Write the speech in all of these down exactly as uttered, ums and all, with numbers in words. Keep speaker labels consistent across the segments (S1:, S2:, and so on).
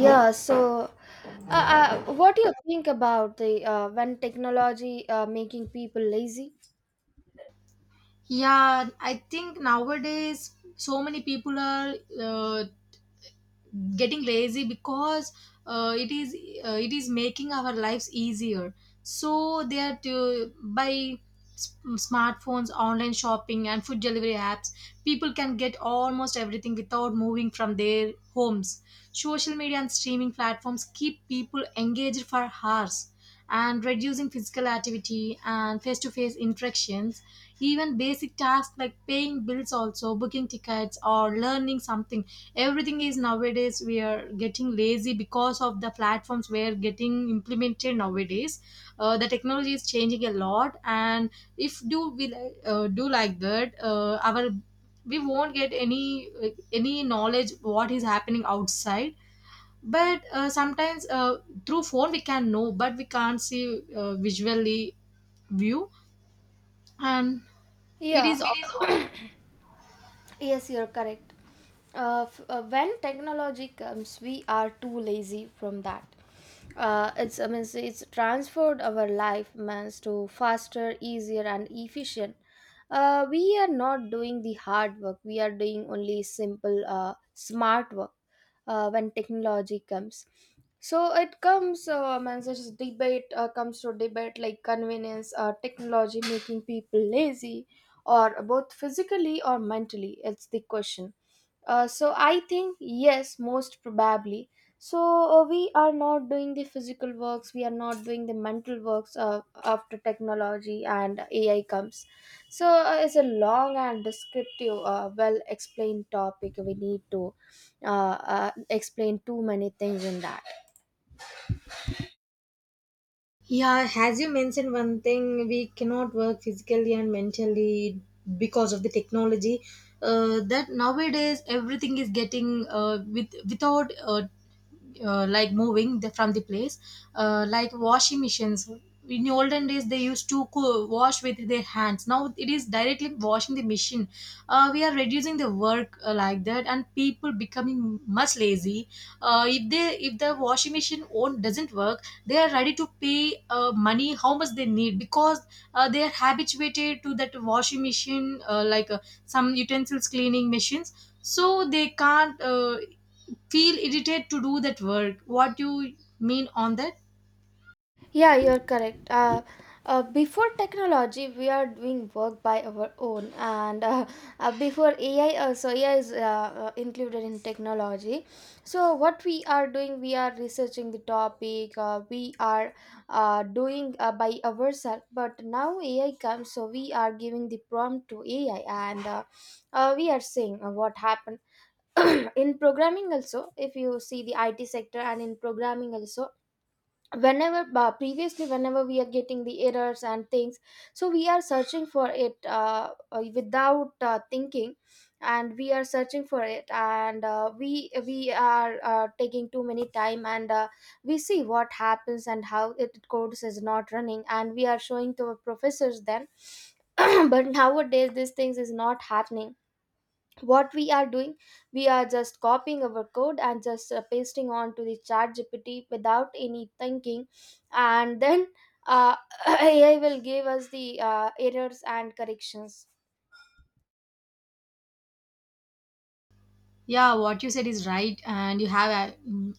S1: Yeah, so uh, uh, what do you think about the uh, when technology uh, making people lazy?
S2: Yeah, I think nowadays so many people are uh, getting lazy because uh, it is uh, it is making our lives easier, so they are to by s- smartphones, online shopping, and food delivery apps. People can get almost everything without moving from their homes. Social media and streaming platforms keep people engaged for hours and reducing physical activity and face-to-face interactions. Even basic tasks like paying bills, also booking tickets or learning something, everything is nowadays. We are getting lazy because of the platforms we are getting implemented nowadays. Uh, the technology is changing a lot, and if do we li- uh, do like that, uh, our, we won't get any like, any knowledge what is happening outside. But uh, sometimes uh, through phone we can know, but we can't see uh, visually view. And it
S1: Yeah,
S2: is.
S1: It is al- yes, you're correct. Uh, f- uh, when technology comes, we are too lazy from that. Uh, it's I mean it's transferred our life means to faster, easier, and efficient. Uh, we are not doing the hard work. We are doing only simple, uh, smart work. Uh, when technology comes, so it comes uh, man such as debate uh, comes to debate like convenience, uh, technology making people lazy or both physically or mentally, it's the question. Uh, so I think yes, most probably. So uh, we are not doing the physical works, we are not doing the mental works uh, after technology and A I comes. So uh, it's a long and descriptive, uh, well explained topic. We need to uh, uh, explain too many things in that.
S2: Yeah, as you mentioned, one thing, we cannot work physically and mentally because of the technology. Uh, that nowadays everything is getting uh, with without uh, uh, like moving the, from the place, uh, like washing machines. In the olden days they used to co- wash with their hands. Now it is directly washing the machine. Uh, we are reducing the work uh, like that, and people becoming much lazy. Uh, if they, if the washing machine own doesn't work, they are ready to pay uh, money how much they need, because uh, they are habituated to that washing machine, uh, like uh, some utensils cleaning machines. So they can't uh, feel irritated to do that work. What do you mean on that?
S1: Yeah, you're correct. Uh, uh, before technology, we are doing work by our own, and uh, uh, before A I, uh, so A I is uh, uh, included in technology. So what we are doing, we are researching the topic. Uh, we are uh, doing uh, by ourselves. But now A I comes, so we are giving the prompt to A I, and uh, uh, we are seeing uh, what happened. In programming also, if you see the I T sector and in programming also, whenever uh, previously whenever we are getting the errors and things, so we are searching for it, uh, uh, without uh, thinking, and we are searching for it, and uh, we we are uh, taking too many time, and uh, we see what happens and how it codes is not running, and we are showing to our professors then. But nowadays these things is not happening. What we are doing, we are just copying our code and just uh, pasting onto the chat G P T without any thinking, and then uh, A I will give us the uh, errors and corrections.
S2: Yeah, what you said is right, and you have uh, mm,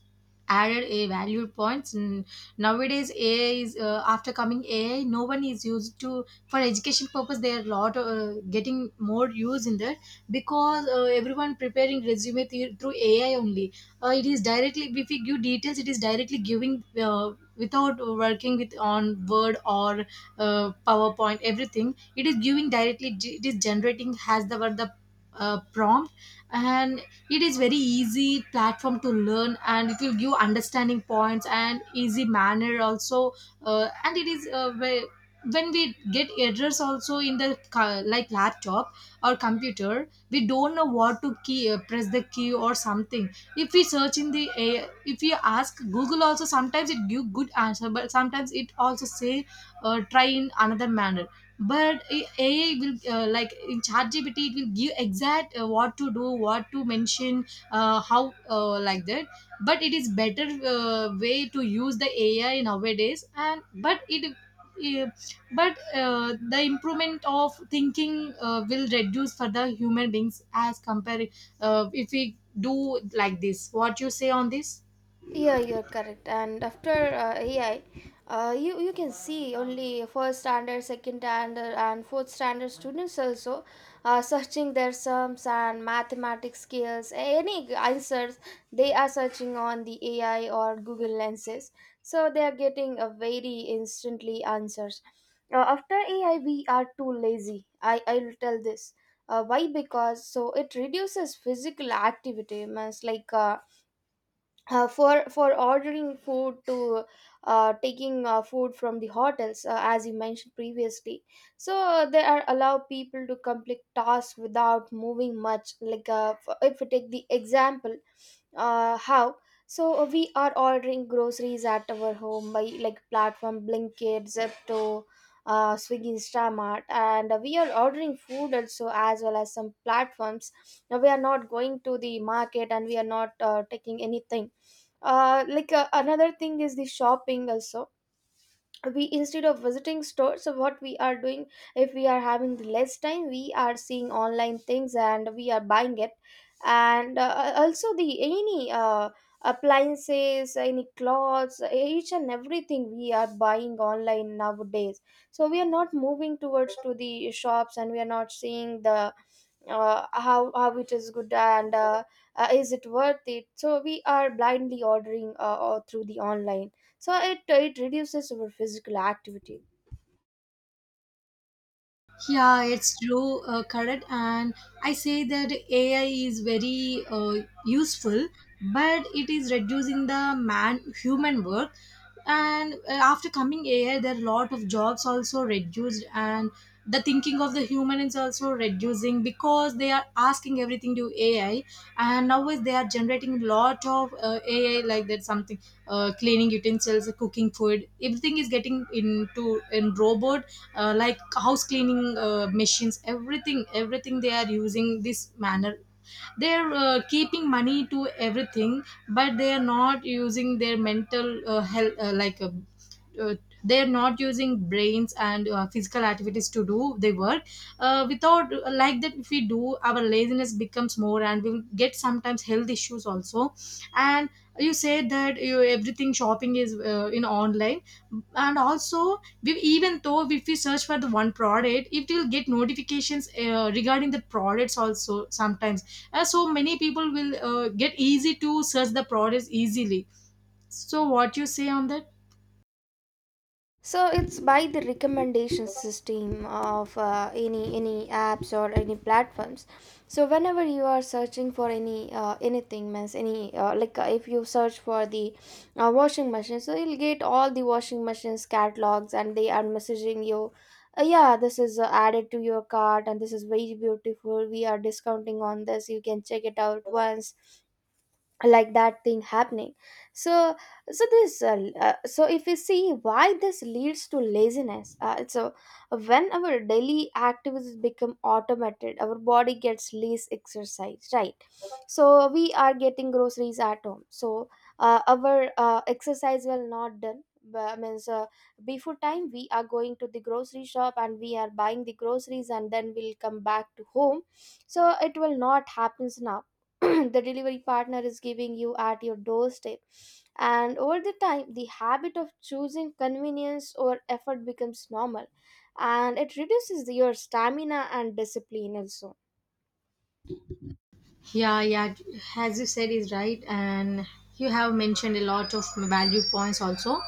S2: added a valued points. And nowadays A I is uh, after coming A I no one is used to. For education purpose they are lot uh, getting more use in that, because uh, everyone preparing resume th- through A I only. Uh, it is directly, if we give details it is directly giving uh, without working with on word or uh, PowerPoint, everything. It is giving directly, it is generating has the word, the uh, prompt. And it is very easy platform to learn, and it will give understanding points and easy manner also. Uh, and it is uh, ve- When we get errors also in the ca- like laptop or computer, we don't know what to key, uh, press the key or something. If we search in the A, if we ask Google also, sometimes it give good answer, but sometimes it also say uh, try in another manner. But A- AI will uh, like in ChatGPT, it will give exact uh, what to do, what to mention, uh, how uh, like that. But it is better uh, way to use the A I nowadays. And but it uh, but uh, the improvement of thinking uh, will reduce for the human beings as compared. Uh, if we do like this, what you say on this?
S1: Yeah, you're correct. And after uh, A I, uh, you you can see only first standard, second standard, and fourth standard students also uh, searching their sums and mathematics skills. Any answers, they are searching on the A I or Google lenses, so they are getting a very instantly answers. Uh, after A I, we are too lazy. I I will tell this. Uh, why? Because so it reduces physical activity. Means like. Uh, uh, for for ordering food, to uh, taking uh, food from the hotels, uh, as you mentioned previously. So uh, they are allow people to complete tasks without moving much, like uh, f- if we take the example. Uh, how? So uh, we are ordering groceries at our home by like platform blinkit zepto, uh, swiggy instamart, and we are ordering food also, as well as some platforms. Now we are not going to the market, and we are not uh, taking anything. Uh, like uh, another thing is the shopping also. We, instead of visiting stores, so what we are doing, if we are having less time, we are seeing online things and we are buying it. And uh, uh, also the any uh, appliances, any clothes, each and everything we are buying online nowadays. So we are not moving towards to the shops, and we are not seeing the uh, how how it is good, and uh, uh, is it worth it. So we are blindly ordering, uh, or through the online. So it it reduces our physical activity.
S2: Yeah, it's true, uh, correct. And I say that A I is very uh, useful, but it is reducing the man human work. And uh, after coming A I, there are a lot of jobs also reduced, and the thinking of the human is also reducing because they are asking everything to A I. And nowadays they are generating a lot of uh, A I like that, something, uh, cleaning utensils, cooking food, everything is getting into in robot, uh, like house cleaning uh, machines, everything everything they are using this manner. They are uh, keeping money to everything, but they are not using their mental uh, health uh, like uh, uh, they are not using brains and uh, physical activities to do their work. Uh, without like that, if we do, our laziness becomes more and we will get sometimes health issues also. And you said that you, everything shopping is uh, in online. And also we, even though if we search for the one product, it will get notifications uh, regarding the products also sometimes. Uh, so many people will uh, get easy to search the products easily. So what you say on that?
S1: So it's by the recommendation system of uh, any any apps or any platforms. So whenever you are searching for any uh, anything, means any, uh, like uh, if you search for the uh, washing machine, so you'll get all the washing machines catalogs, and they are messaging you, uh, yeah, this is uh, added to your cart, and this is very beautiful, we are discounting on this, you can check it out once. Like that thing happening. So so this uh, l- uh, so if you see why this leads to laziness, uh, it's a, when our daily activities become automated, our body gets less exercise, right? So we are getting groceries at home, so uh, our uh, exercise will not done. But means, uh, before time we are going to the grocery shop and we are buying the groceries, and then we'll come back to home. So it will not happens now. The delivery partner is giving you at your doorstep. And over the time, the habit of choosing convenience over effort becomes normal, and it reduces your stamina and discipline also.
S2: Yeah, yeah, as you said, is right, and you have mentioned a lot of value points also.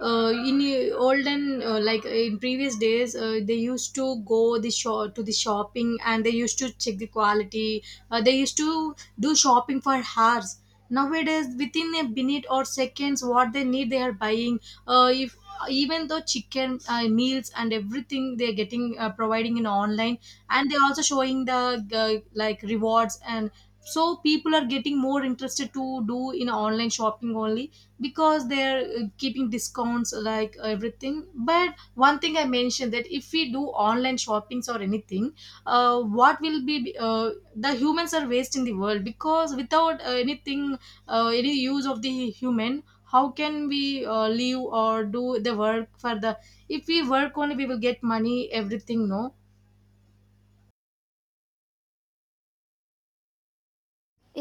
S2: Uh, in uh, olden, uh, like in previous days, uh, they used to go the shop to the shopping, and they used to check the quality. Uh, they used to do shopping for hours. Nowadays, within a minute or seconds, what they need, they are buying. Uh, if, even though chicken uh, meals and everything, they're getting uh, providing in online, and they're also showing the uh, like rewards. And so people are getting more interested to do in online shopping only, because they're uh, keeping discounts like everything. But one thing I mentioned that, if we do online shoppings or anything, uh, what will be, uh, the humans are wasting the world because without uh, anything, uh, any use of the human, how can we uh, live or do the work for the, if we work only, we will get money, everything, no?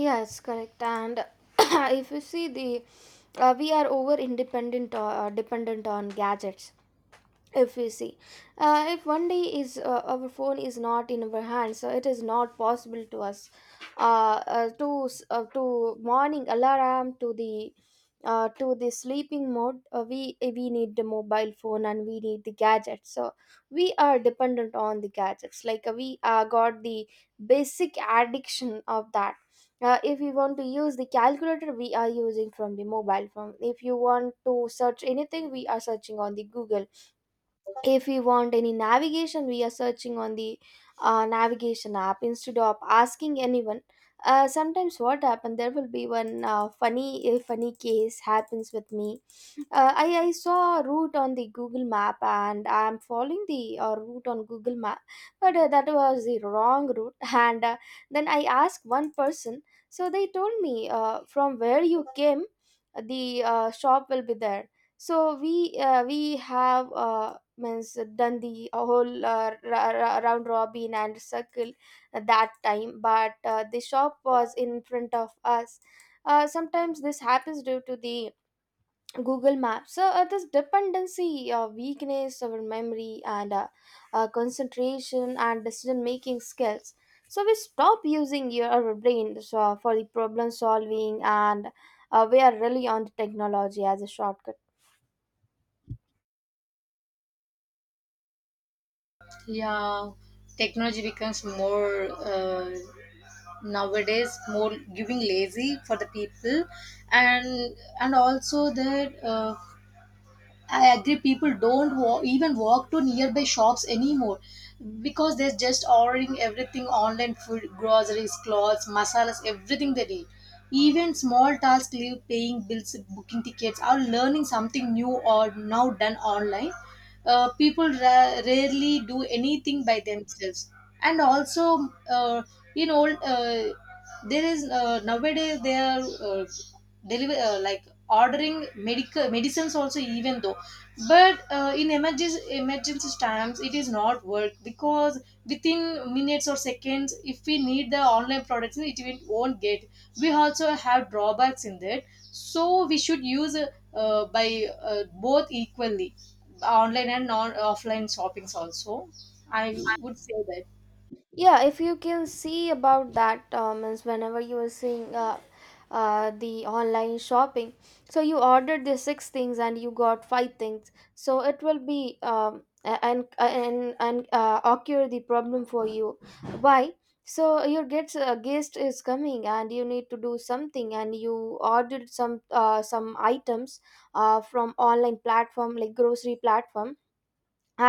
S1: Yes, correct. And if you see the uh, we are over independent, uh, dependent on gadgets. If we see, uh, if one day is, uh, our phone is not in our hands, so it is not possible to us uh, uh, to s- uh, to morning alarm, to the uh, to the sleeping mode. Uh, we uh, we need the mobile phone and we need the gadgets, so we are dependent on the gadgets, like uh, we uh, got the basic addiction of that. Uh, if you want to use the calculator, we are using from the mobile phone. If you want to search anything, we are searching on the google. If we want any navigation, we are searching on the uh, navigation app, instead of asking anyone. Uh, sometimes what happened, there will be one uh, funny a funny case happens with me. Uh, I, I saw a route on the Google map, and I'm following the uh, route on Google map, but uh, that was the wrong route. And uh, Then I asked one person, so they told me, uh, from where you came, the uh, shop will be there. So we uh, we have uh, means done the whole uh, ra- ra- round robin and circle at that time, but uh, the shop was in front of us. Uh, sometimes this happens due to the Google Maps. So uh, this dependency, uh, weakness of our memory, and uh, uh, concentration and decision making skills. So we stop using your our brain, so for the problem solving, and uh, we are really on the technology as a shortcut.
S2: Yeah, technology becomes more. Uh, Nowadays more giving lazy for the people. And and also that uh, I agree, people don't wa- even walk to nearby shops anymore because they're just ordering everything online: food, groceries, clothes, masalas, everything they need. Even small tasks like paying bills, booking tickets, or learning something new or now done online. Uh, people ra- rarely do anything by themselves. And also, uh, in old, uh, there is uh, nowadays they are uh, deliver uh, like ordering medical medicines also, even though, but uh, in emergency, emergency times it is not work because within minutes or seconds if we need the online products it, we won't get. We also have drawbacks in that. So we should use uh, uh, by uh, both equally, online and non offline shoppings also, I would say that.
S1: Yeah, if you can see about that, um, means whenever you are seeing uh, uh, the online shopping, so you ordered the six things and you got five things, so it will be um, a- and and and uh, occur the problem for you. Why? So your gets uh, guest is coming and you need to do something, and you ordered some uh, some items uh, from online platform, like grocery platform,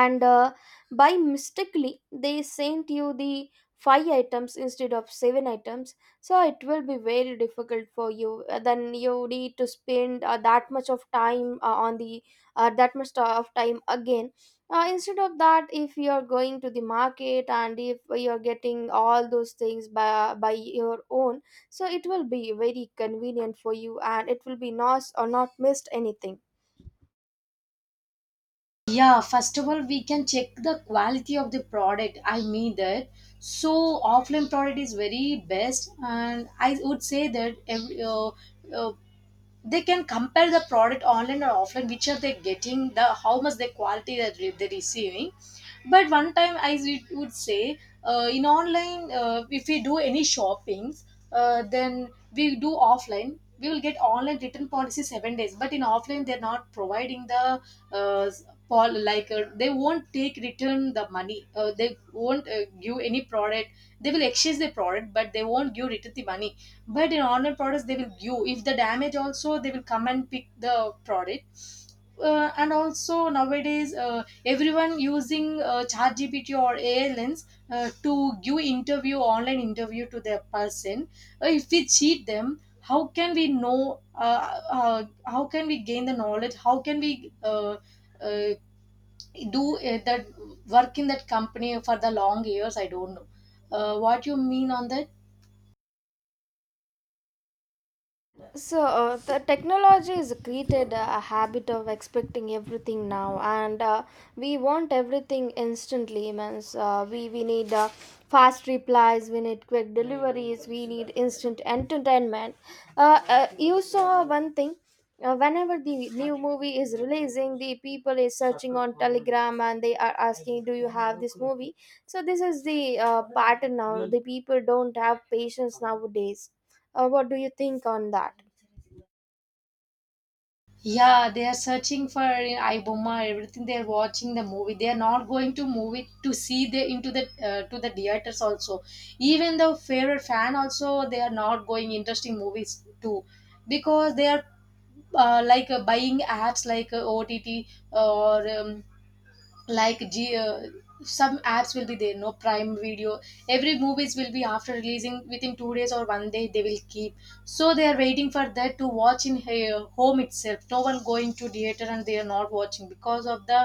S1: and uh, by mistakenly they sent you the five items instead of seven items. So it will be very difficult for you. Uh, then you need to spend uh, that much of time uh, on the uh, that much of time again, uh, instead of that. If you are going to the market and if you are getting all those things by, by your own, so it will be very convenient for you, and it will be not or not missed anything.
S2: Yeah, first of all, we can check the quality of the product, I mean that. So offline product is very best, and I would say that every, uh, uh, they can compare the product online or offline, which are they getting, the how much the quality that re- they're receiving. But one time I would would say uh, in online, uh, if we do any shoppings, uh, then we do offline, we will get online return policy seven days, but in offline they're not providing the uh, pol- like uh, they won't take return the money, uh, they won't uh, give any product. They will exchange the product, but they won't give return the money. But in online products they will give, if the damage also they will come and pick the product. Uh, and also nowadays uh, everyone using uh, chat gpt or A I lens uh, to give interview, online interview to their person. Uh, if we cheat them, how can we know uh, uh, how can we gain the knowledge, how can we uh, uh, do uh, that work in that company for the long years, I don't know. Uh, what you mean on that?
S1: So, uh, the technology has created a habit of expecting everything now, and uh, we want everything instantly. Means, uh, we we need uh, fast replies, we need quick deliveries, we need instant entertainment. Uh, uh, you saw one thing. Uh, whenever the new movie is releasing, the people is searching on Telegram and they are asking, "Do you have this movie?" So this is the uh, pattern now. The people don't have patience nowadays. Uh, what do you think on that?
S2: Yeah, they are searching for iBoma, everything. They are watching the movie. They are not going to movie to see the into the uh, to the theaters also. Even the favorite fan also, they are not going interesting movies too, because they are uh, like uh, buying apps like uh, O T T or um, like G, uh, some apps will be there, no, Prime Video. Every movies will be after releasing within two days or one day they will keep. So they are waiting for that to watch in uh, home itself. No one going to theater, and they are not watching because of the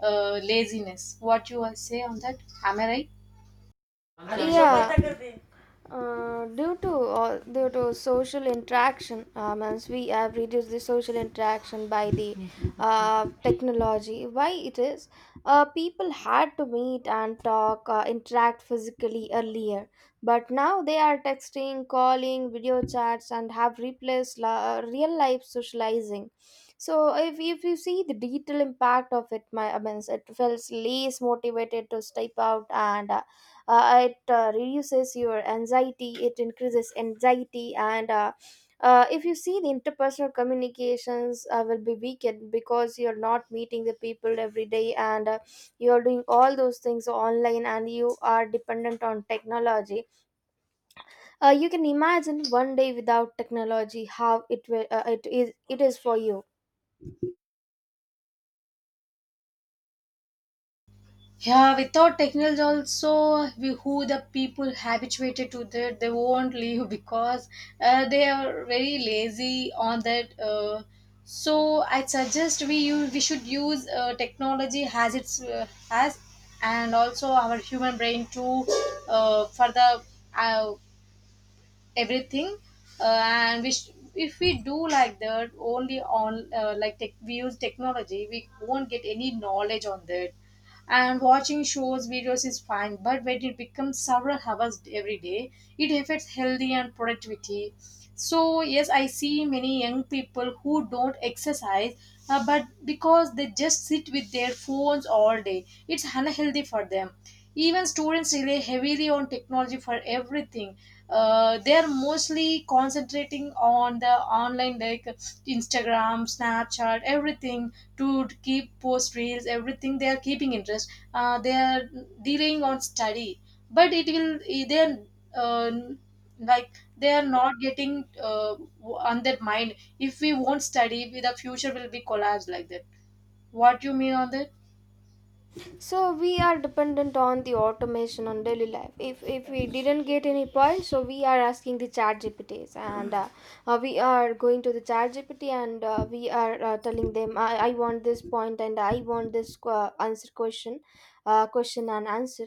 S2: uh, laziness. What you will say on that? Am I right?
S1: Yeah. Mm-hmm. uh, due to uh, due to social interaction, um, means we have reduced the social interaction by the uh, technology. Why it is? Uh, people had to meet and talk, uh, interact physically earlier, but now they are texting, calling, video chats and have replaced la- real life socializing. So if, if you see the detailed impact of it, my I mean, it feels less motivated to step out, and uh, uh, it uh, reduces your anxiety, it increases anxiety. And uh, uh, if you see the interpersonal communications, uh, will be weakened because you're not meeting the people every day, and uh, you're doing all those things online and you are dependent on technology. Uh, you can imagine one day without technology how it will, uh, it is it is for you.
S2: Yeah, without technology also, we, who the people habituated to that, they won't leave because uh, they are very lazy on that. Uh, so I suggest we use, we should use uh, technology as it's uh, has, and also our human brain to uh, for the uh, everything. Uh, and we sh- if we do like that only on uh, like tech- we use technology, we won't get any knowledge on that. And watching shows videos is fine, but when it becomes several hours every day, it affects healthy and productivity. So yes, I see many young people who don't exercise, uh, but because they just sit with their phones all day, it's unhealthy for them. Even students rely heavily on technology for everything. Uh, they're mostly concentrating on the online, like Instagram, Snapchat, everything, to keep post reels, everything they are keeping interest. Uh, they are delaying on study. But it will, they're, uh, like they are not getting uh, on that mind, if we won't study the future will be collapsed like that. What you mean on that?
S1: So we are dependent on the automation on daily life. If if we didn't get any point, so we are asking the chat gpts, and uh, uh, we are going to the chat gpt, and uh, we are uh, telling them, I, I want this point and I want this uh, answer question, uh, question and answer.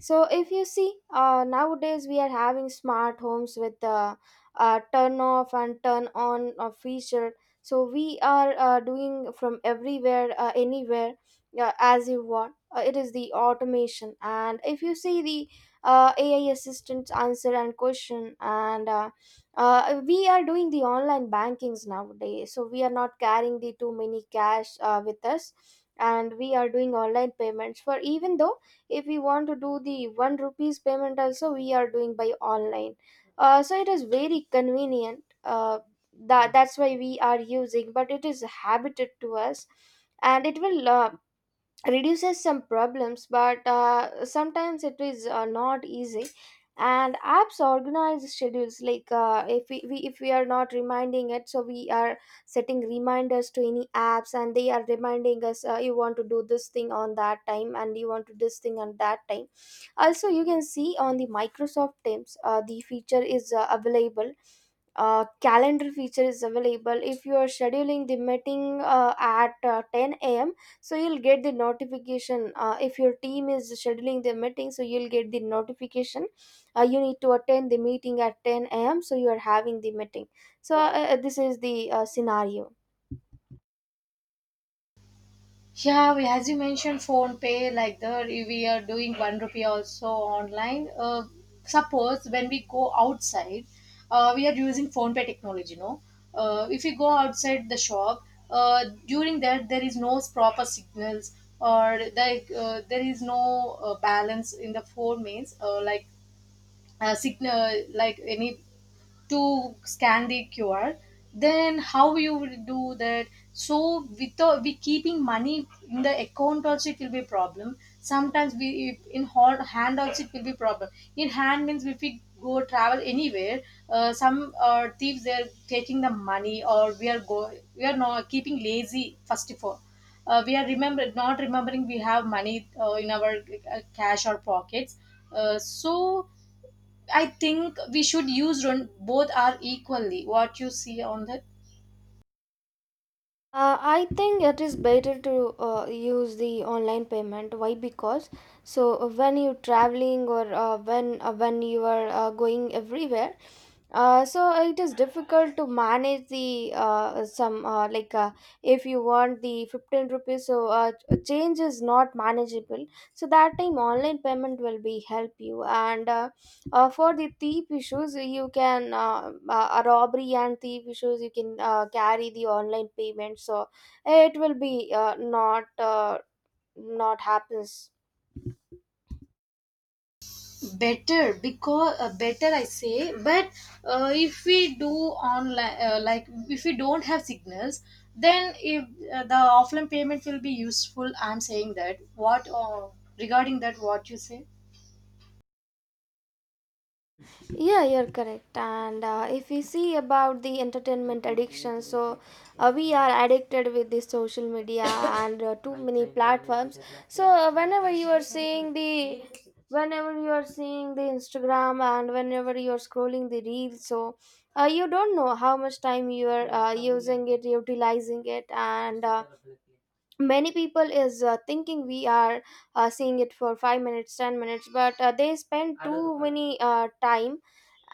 S1: So if you see, uh, nowadays we are having smart homes with uh, uh, turn off and turn on uh, feature. So we are uh, doing from everywhere, uh, anywhere, uh, as you want. Uh, it is the automation. And if you see the uh, ai assistants, answer and question, and uh, uh, we are doing the online bankings nowadays, so we are not carrying the too many cash uh, with us. And we are doing online payments, for, even though if we want to do the one rupees payment also, we are doing by online. Uh, so it is very convenient. uh, that that's why we are using, but it is habited to us. And it will, uh, reduces some problems, but uh, sometimes it is uh, not easy. And apps organize schedules like, uh, if we, we if we are not reminding it, so we are setting reminders to any apps, and they are reminding us, uh, you want to do this thing on that time and you want to do this thing on that time. Also you can see on the Microsoft Teams, uh, the feature is uh, available, uh, calendar feature is available. If you are scheduling the meeting uh, at uh, ten a m., so you'll get the notification. Uh, if your team is scheduling the meeting, so you'll get the notification. Uh, you need to attend the meeting at ten a m., so you are having the meeting. So uh, uh, this is the uh, scenario.
S2: Yeah, we, as you mentioned, phone pay, like the, we are doing one rupee also online. Uh, suppose when we go outside, uh, we are using phone pay technology. No, uh, if we go outside the shop, uh, during that there is no proper signals or like uh, there is no uh, balance in the phone means uh, like uh, signal like any to scan the Q R, then how you will do that? So without we keeping money in the account also it will be a problem. Sometimes we if in hol- hand also it will be problem. In hand means if we go travel anywhere, uh, some uh, thieves they are taking the money or we are go we are not keeping lazy first of all. Uh, we are remember not remembering we have money uh, in our uh, cash or pockets. Uh, so I think we should use run, both are equally. What you see on that
S1: uh, I think it is better to uh, use the online payment. Why? Because, so uh, when you're traveling, or uh, when uh, when you are uh, going everywhere. Uh, so uh, it is difficult to manage the uh, some, uh, like, uh, if you want the fifteen rupees, so uh, change is not manageable. So that time, online payment will be help you, and uh, uh, for the thief issues, you can uh, uh, robbery and thief issues, you can uh, carry the online payment, so it will be uh, not uh, not happens.
S2: better because uh, better I say, but uh, if we do online uh, like if we don't have signals, then if uh, the offline payment will be useful. I'm saying that what uh, regarding that what you say.
S1: Yeah, you're correct. And uh, if we see about the entertainment addiction, so uh, we are addicted with the social media and uh, too many platforms. So uh, whenever you are seeing the, whenever you are seeing the Instagram, and whenever you are scrolling the reels, so uh, you don't know how much time you are uh, using it, utilizing it, and. Uh, many people is uh, thinking we are uh, seeing it for five minutes, ten minutes, but uh, they spend too many uh, time,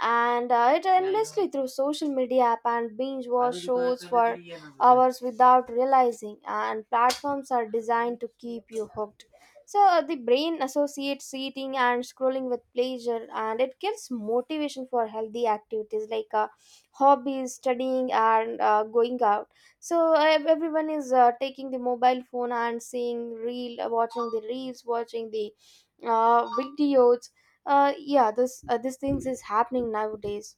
S1: and uh, it endlessly through social media app and binge watch shows for hours without realizing. And platforms are designed to keep you hooked, so uh, the brain associates eating and scrolling with pleasure, and it gives motivation for healthy activities like, uh, hobbies, studying, and uh, going out. So ev- everyone is uh, taking the mobile phone and seeing reel, watching the reels, watching the uh, videos. Uh, yeah, this uh, these things is happening nowadays.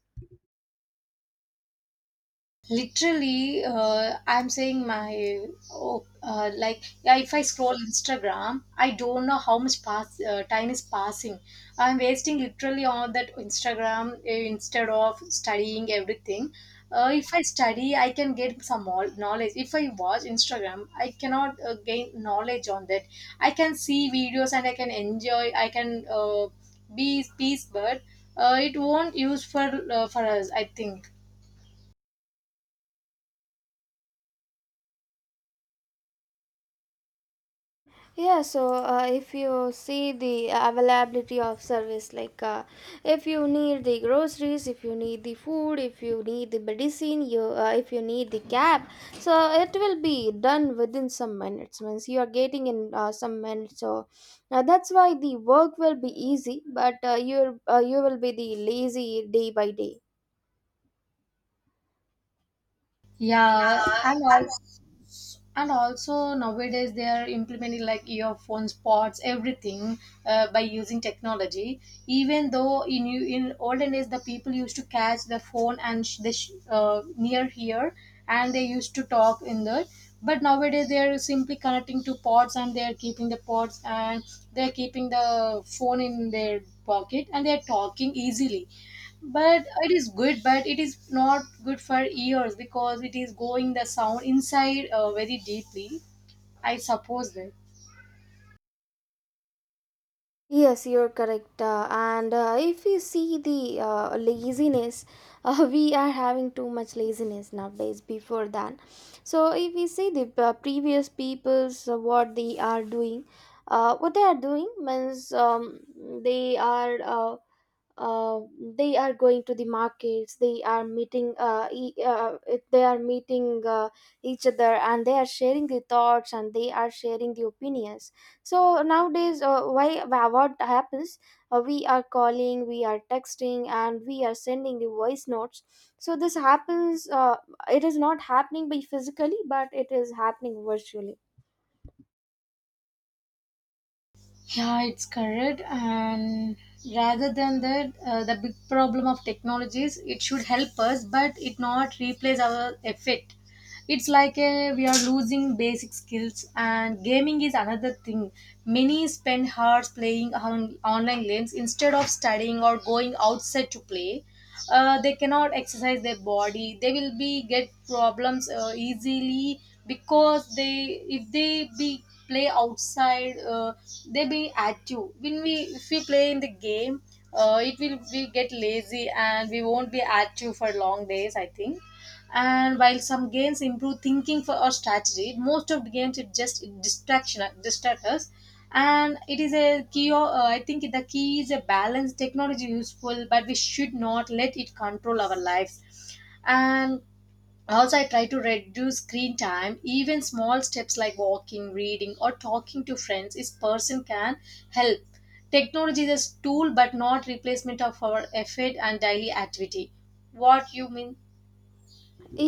S2: Literally, uh, I'm saying my. Oh, uh, like yeah, if I scroll Instagram I don't know how much pass uh, time is passing. I'm wasting literally on that Instagram, uh, instead of studying everything. Uh, if I study I can get some more knowledge, if I watch Instagram I cannot uh, gain knowledge on that. I can see videos and I can enjoy, I can uh, be peace, but uh, it won't use for uh, for us I think.
S1: Yeah, so uh, if you see the availability of service, like, uh, if you need the groceries, if you need the food, if you need the medicine, you uh, if you need the cab, so it will be done within some minutes. Means you are getting in uh, some minutes, so uh, that's why the work will be easy, but uh, you uh, you will be the lazy day by day.
S2: Yeah, and also and also nowadays they are implementing like earphones, pods, everything uh, by using technology. Even though in you in olden days the people used to catch the phone and sh- the sh- uh, near here and they used to talk in the. But nowadays they are simply connecting to pods and they are keeping the pods and they are keeping the phone in their pocket and they are talking easily, but it is good but it is not good for ears because it is going the sound inside uh, very deeply I suppose that.
S1: Yes, you're correct. Uh, and uh, if you see the uh, laziness, uh, we are having too much laziness nowadays, before that. So, if we see the uh, previous people's, uh, what they are doing, uh, what they are doing means, um, they are. Uh, uh, they are going to the markets, they are meeting uh, e- uh, they are meeting uh, each other, and they are sharing the thoughts and they are sharing the opinions. So nowadays, uh, why wha- what happens, uh, we are calling, we are texting, and we are sending the voice notes. So this happens, uh, it is not happening by physically but it is happening virtually.
S2: Yeah, it's correct. And rather than that uh, the big problem of technology is it should help us but it not replace our effort. It's like a, we are losing basic skills, and gaming is another thing. Many spend hours playing on online games instead of studying or going outside to play. Uh, they cannot exercise their body, they will be get problems uh, easily, because they if they be play outside, uh, they be active. When we, if we play in the game, uh, it will we get lazy and we won't be active for long days I think. And while some games improve thinking for our strategy, most of the games it just distraction distract us. And it is a key o- uh, I think the key is a balance. Technology useful, but we should not let it control our lives. And also I try to reduce screen time, even small steps like walking, reading, or talking to friends is person can help. Technology is a tool but not replacement of our effort and daily activity. What you mean?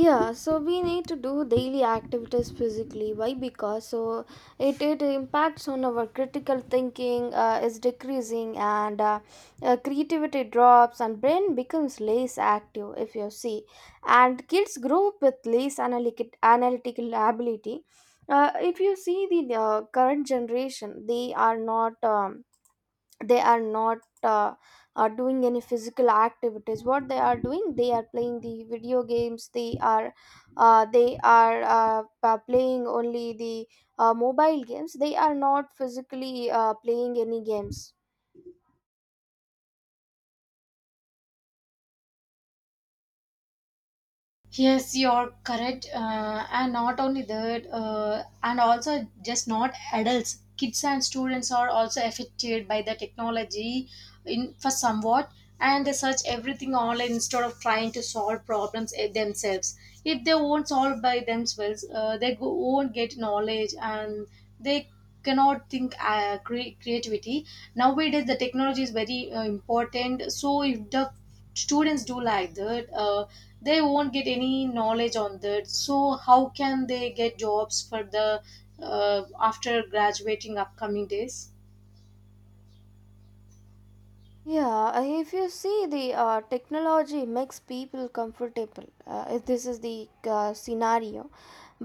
S1: Yeah, so we need to do daily activities physically. Why? Because so it, it impacts on our critical thinking, uh, is decreasing, and uh, uh, creativity drops and brain becomes less active, if you see. And kids grow up with less analytic, analytical ability. Uh, if you see the uh, current generation, they are not, um, they are not uh, uh, doing any physical activities. What they are doing, they are playing the video games, they are uh, they are uh, uh, playing only the uh, mobile games. They are not physically uh, playing any games.
S2: Yes, you're correct. Uh, and not only that, uh, and also just not adults, kids and students are also affected by the technology in for somewhat, and they search everything online instead of trying to solve problems eh, themselves. If they won't solve by themselves, uh, they go, won't get knowledge, and they cannot think uh, cre- creativity. Nowadays, the technology is very uh, important. So if the students do like that, uh, they won't get any knowledge on that, so how can they get jobs for the uh, after graduating upcoming days?
S1: Yeah, uh, if you see the uh, technology makes people comfortable, uh, if this is the uh, scenario.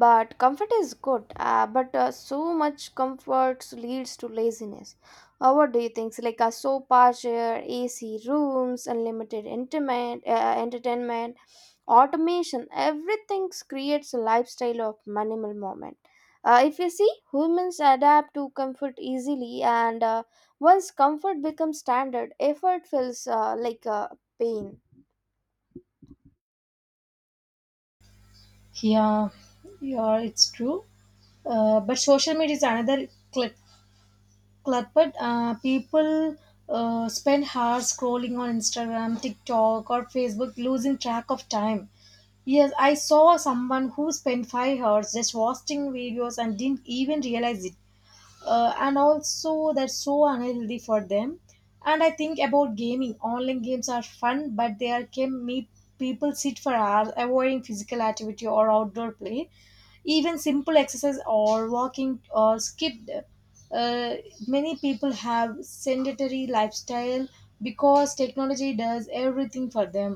S1: But comfort is good, uh, but uh, so much comfort leads to laziness. Uh, what do you think? So, like a sofa chair, ac rooms, unlimited intimate, uh, entertainment, automation, everything creates a lifestyle of minimal moment. Uh, if you see, humans adapt to comfort easily. And uh, once comfort becomes standard, effort feels uh, like a pain.
S2: Yeah, yeah, it's true. Uh, but social media is another cl- cluttered. Uh, people uh, spend hours scrolling on Instagram, TikTok, or Facebook, losing track of time. Yes, I saw someone who spent five hours just watching videos and didn't even realize it. Uh, and also, that's so unhealthy for them. And I think about gaming, online games are fun but they are can make people sit for hours avoiding physical activity or outdoor play. Even simple exercise or walking or skipped. uh, Many people have sedentary lifestyle because technology does everything for them.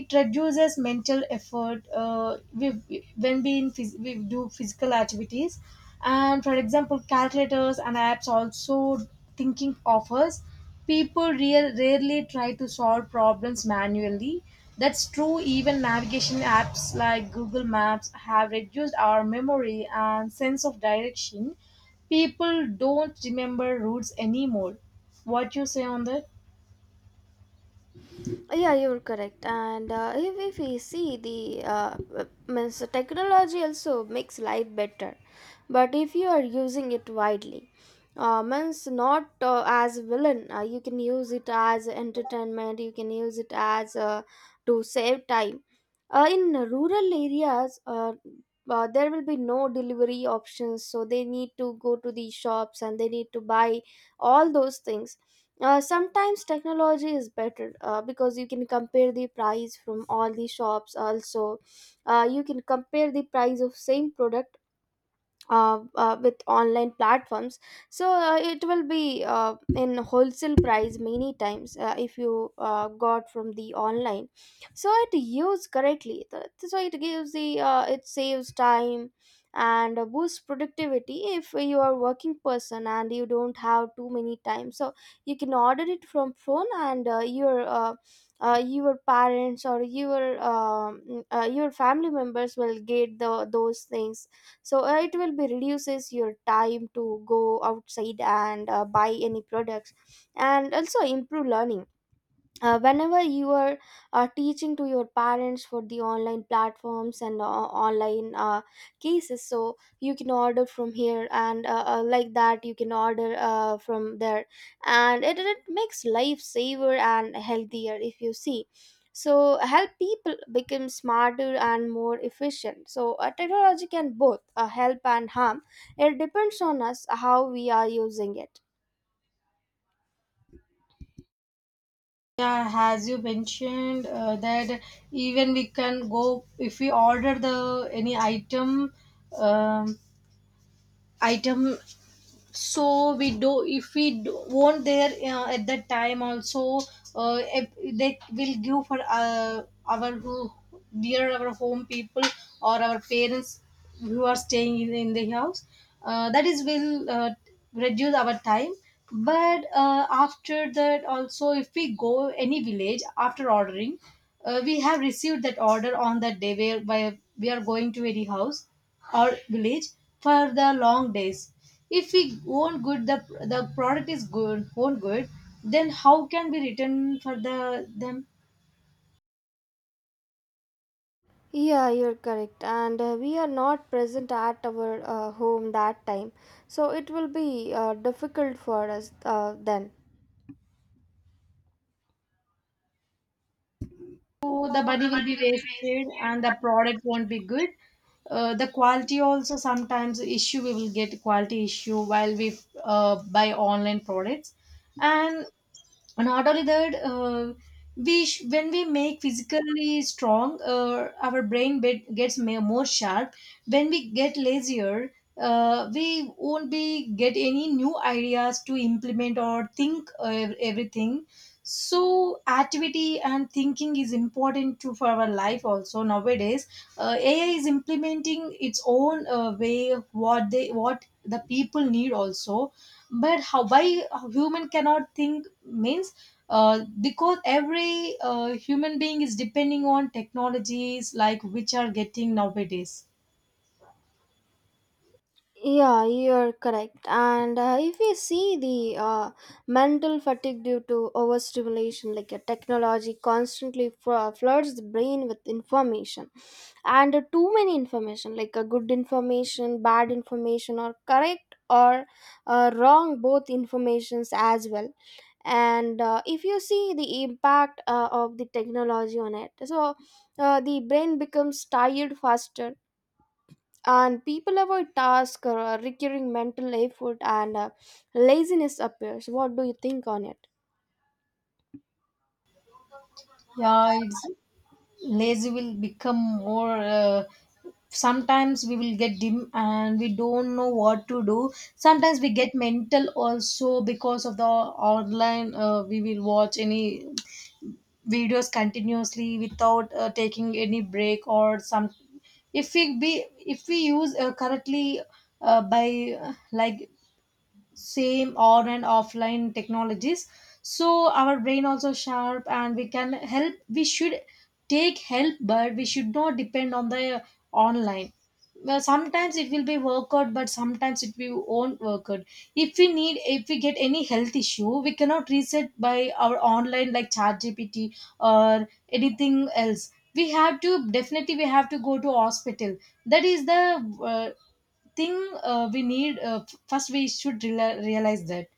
S2: It reduces mental effort. Uh, we, we- when we, in phys- we do physical activities, and for example calculators and apps also thinking offers. People real, rarely try to solve problems manually. That's true. Even navigation apps like Google Maps have reduced our memory and sense of direction. People don't remember roots anymore. What you say on that?
S1: Uh, yeah, you're correct. And uh, if, if we see the uh, uh, means, the technology also makes life better, but if you are using it widely. Uh, means not uh, as villain, uh, you can use it as entertainment, you can use it as uh, to save time. Uh, in rural areas, uh, uh, there will be no delivery options, so they need to go to the shops and they need to buy all those things. Uh, sometimes technology is better, uh, because you can compare the price from all the shops also. Uh, you can compare the price of same product, uh, uh, with online platforms. So uh, it will be uh, in wholesale price many times, uh, if you uh, got from the online. So it used correctly. Th- so it gives the, uh, it saves time and uh, boosts productivity. If you are working person and you don't have too many time, so you can order it from phone, and uh, your uh, uh, your parents or your um, uh, your family members will get the those things. So uh, it will be reduces your time to go outside and uh, buy any products, and also improve learning. Uh, whenever you are uh, teaching to your parents for the online platforms, and uh, online uh, cases, so you can order from here, and uh, uh, like that, you can order uh, from there. And it, it makes life saver and healthier, if you see. So help people become smarter and more efficient. So uh, technology can both uh, help and harm. It depends on us how we are using it.
S2: Yeah, as you mentioned uh, that even we can go, if we order the any item um, item. So we do, if we do, won't there uh, at that time also, uh, if they will give for uh, our who near our home people or our parents who are staying in, in the house, uh, that is will uh, reduce our time. But uh, after that also if we go any village after ordering, uh, we have received that order on that day where by we are going to any house or village for the long days. If we own good, the the product is good, own good, then how can we return for the them?
S1: Yeah, you're correct. And uh, we are not present at our uh, home that time. So it will be uh, difficult for us uh, then.
S2: So the money will be wasted and the product won't be good. Uh, the quality also sometimes issue, we will get quality issue while we uh, buy online products. and And not only that, uh, we sh- when we make physically strong, uh, our brain bit gets ma- more sharp. When we get lazier, uh, we won't be get any new ideas to implement or think uh, ev- everything. So activity and thinking is important to for our life also. Nowadays uh, AI is implementing its own uh, way of what they what the people need also. But how why human cannot think means uh, because every uh, human being is depending on technologies like which are getting nowadays.
S1: Yeah, you're correct. And uh, if we see the uh, mental fatigue due to overstimulation, like a technology constantly fl- floods the brain with information, and uh, too many information, like a good information, bad information, or correct or uh, wrong, both informations as well. And uh, if you see the impact uh, of the technology on it, so uh, the brain becomes tired faster, and people avoid tasks or uh, recurring mental effort, and uh, laziness appears. What do you think on it?
S2: Yeah, it's lazy will become more. Uh, sometimes we will get dim and we don't know what to do. Sometimes we get mental also because of the online, uh, we will watch any videos continuously without uh, taking any break or some. If we be, if we use uh, correctly uh, by uh, like same on and offline technologies, so our brain also sharp and we can help. We should take help but we should not depend on the online. Well, sometimes it will be workout but sometimes it will won't work out. If we need, if we get any health issue we cannot reset by our online like chat gpt or anything else, we have to definitely we have to go to hospital. That is the uh, thing. Uh, we need uh, f- first we should reala- realize that.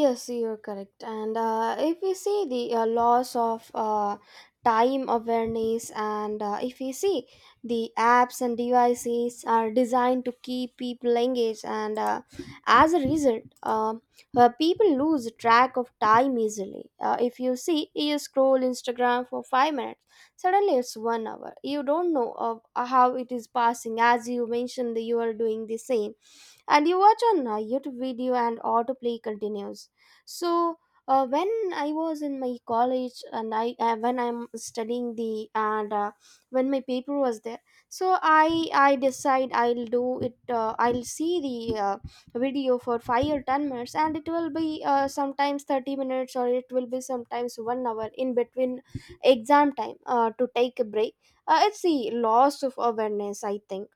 S1: Yes, you're correct. And uh, if we see the uh, loss of uh, time awareness, and uh, if we see, the apps and devices are designed to keep people engaged, and uh, as a result, uh, uh, people lose track of time easily. Uh, if you see, you scroll Instagram for five minutes, suddenly it's one hour. You don't know of how it is passing. As you mentioned, you are doing the same, and you watch on uh, youtube video and autoplay continues. So uh, when I was in my college, and I uh, when I'm studying, the, and uh, when my paper was there, so i i decide I'll do it. uh, I'll see the uh, video for five or ten minutes, and it will be uh, sometimes thirty minutes, or it will be sometimes one hour in between exam time, uh, to take a break. Uh, it's the loss of awareness, I think.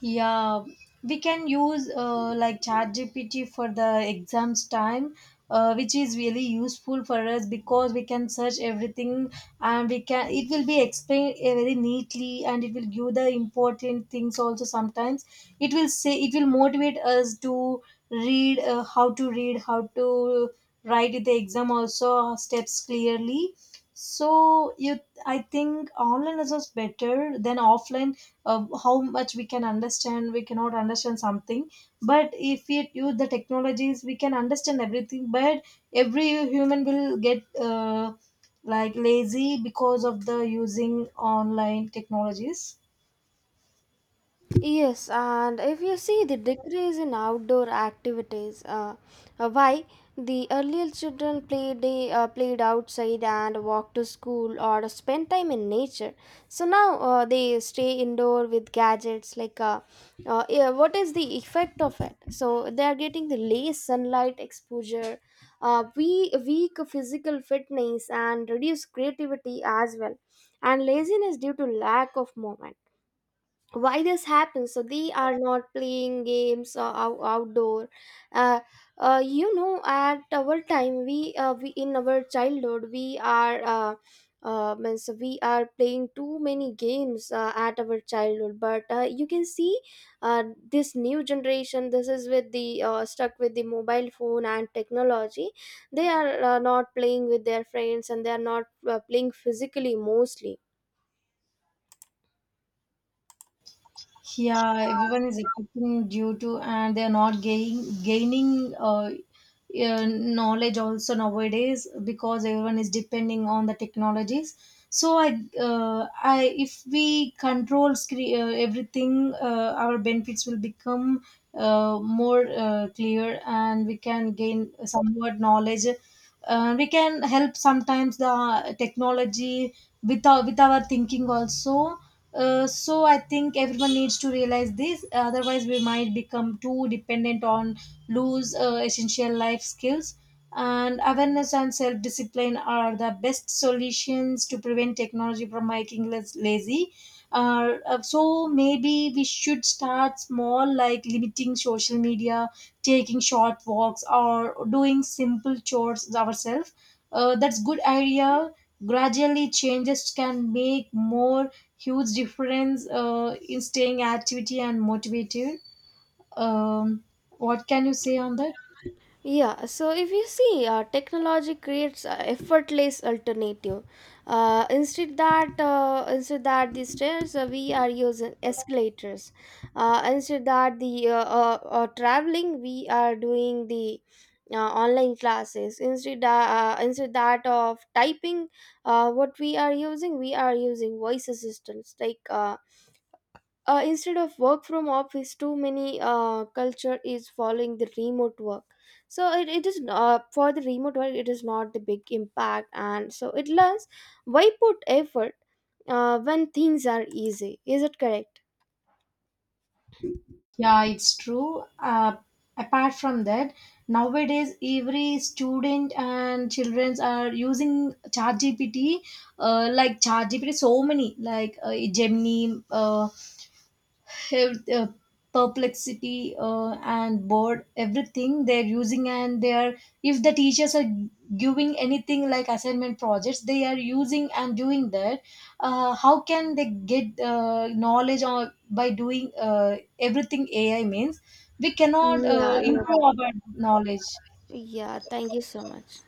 S2: Yeah, we can use uh, like chat gpt for the exams time, uh, which is really useful for us because we can search everything, and we can, it will be explained uh, very neatly and it will give the important things also. Sometimes it will say, it will motivate us to read uh, how to read, how to write the exam also, steps clearly. So you, I think online is just better than offline. Uh, how much we can understand, we cannot understand something. But if we use the technologies we can understand everything, but every human will get uh, like lazy because of the using online technologies.
S1: Yes, and if you see the decrease in outdoor activities, uh, uh, why, the earlier children played, they, uh, played outside and walked to school or spent time in nature. So now, uh, they stay indoor with gadgets. Like, uh, uh, yeah, what is the effect of it? So they are getting the less sunlight exposure, uh, we weak physical fitness, and reduced creativity as well, and laziness due to lack of movement. Why this happens, so they are not playing games uh, ou- outdoor. uh, uh, you know, at our time we, uh, we in our childhood we are uh, uh, means we are playing too many games uh, at our childhood, but uh, you can see, uh, this new generation, this is with the uh, stuck with the mobile phone and technology. They are uh, not playing with their friends and they are not uh, playing physically, mostly.
S2: Yeah, everyone is affecting due to, and they are not gain, gaining uh, uh, knowledge also nowadays because everyone is depending on the technologies. So I, uh, I, if we control scre- uh, everything, uh, our benefits will become uh, more uh, clear, and we can gain somewhat knowledge. Uh, we can help sometimes the technology with our, with our thinking also. Uh, so I think everyone needs to realize this, otherwise we might become too dependent on lose uh, essential life skills. And awareness and self discipline are the best solutions to prevent technology from making us lazy. Uh, uh, so maybe we should start small, like limiting social media, taking short walks or doing simple chores ourselves. Uh, that's good idea. Gradually changes can make more huge difference uh, in staying activity and motivated. um, what can you say on that?
S1: Yeah, so if you see, uh, technology creates a effortless alternative. Uh, instead that uh, instead that the stairs, uh, we are using escalators. Uh, instead that the uh, uh, uh, traveling, we are doing the uh, online classes. Instead that uh, instead that of typing, uh, what we are using, we are using voice assistants like. Uh, uh, instead of work from office, too many uh, culture is following the remote work. So it, it is, uh, for the remote work, it is not the big impact, and so it learns, why put effort uh, when things are easy? Is it correct?
S2: Yeah, it's true. Uh, apart from that, nowadays every student and children are using ChatGPT, uh, like ChatGPT, so many like uh, Gemini, uh, have uh, perplexity uh, and bored, everything they're using. And they are, if the teachers are giving anything like assignment projects they are using and doing that. Uh, how can they get uh, knowledge or by doing uh, everything AI means we cannot
S1: Yeah,
S2: uh,
S1: yeah,
S2: improve our knowledge.
S1: yeah, thank you so much.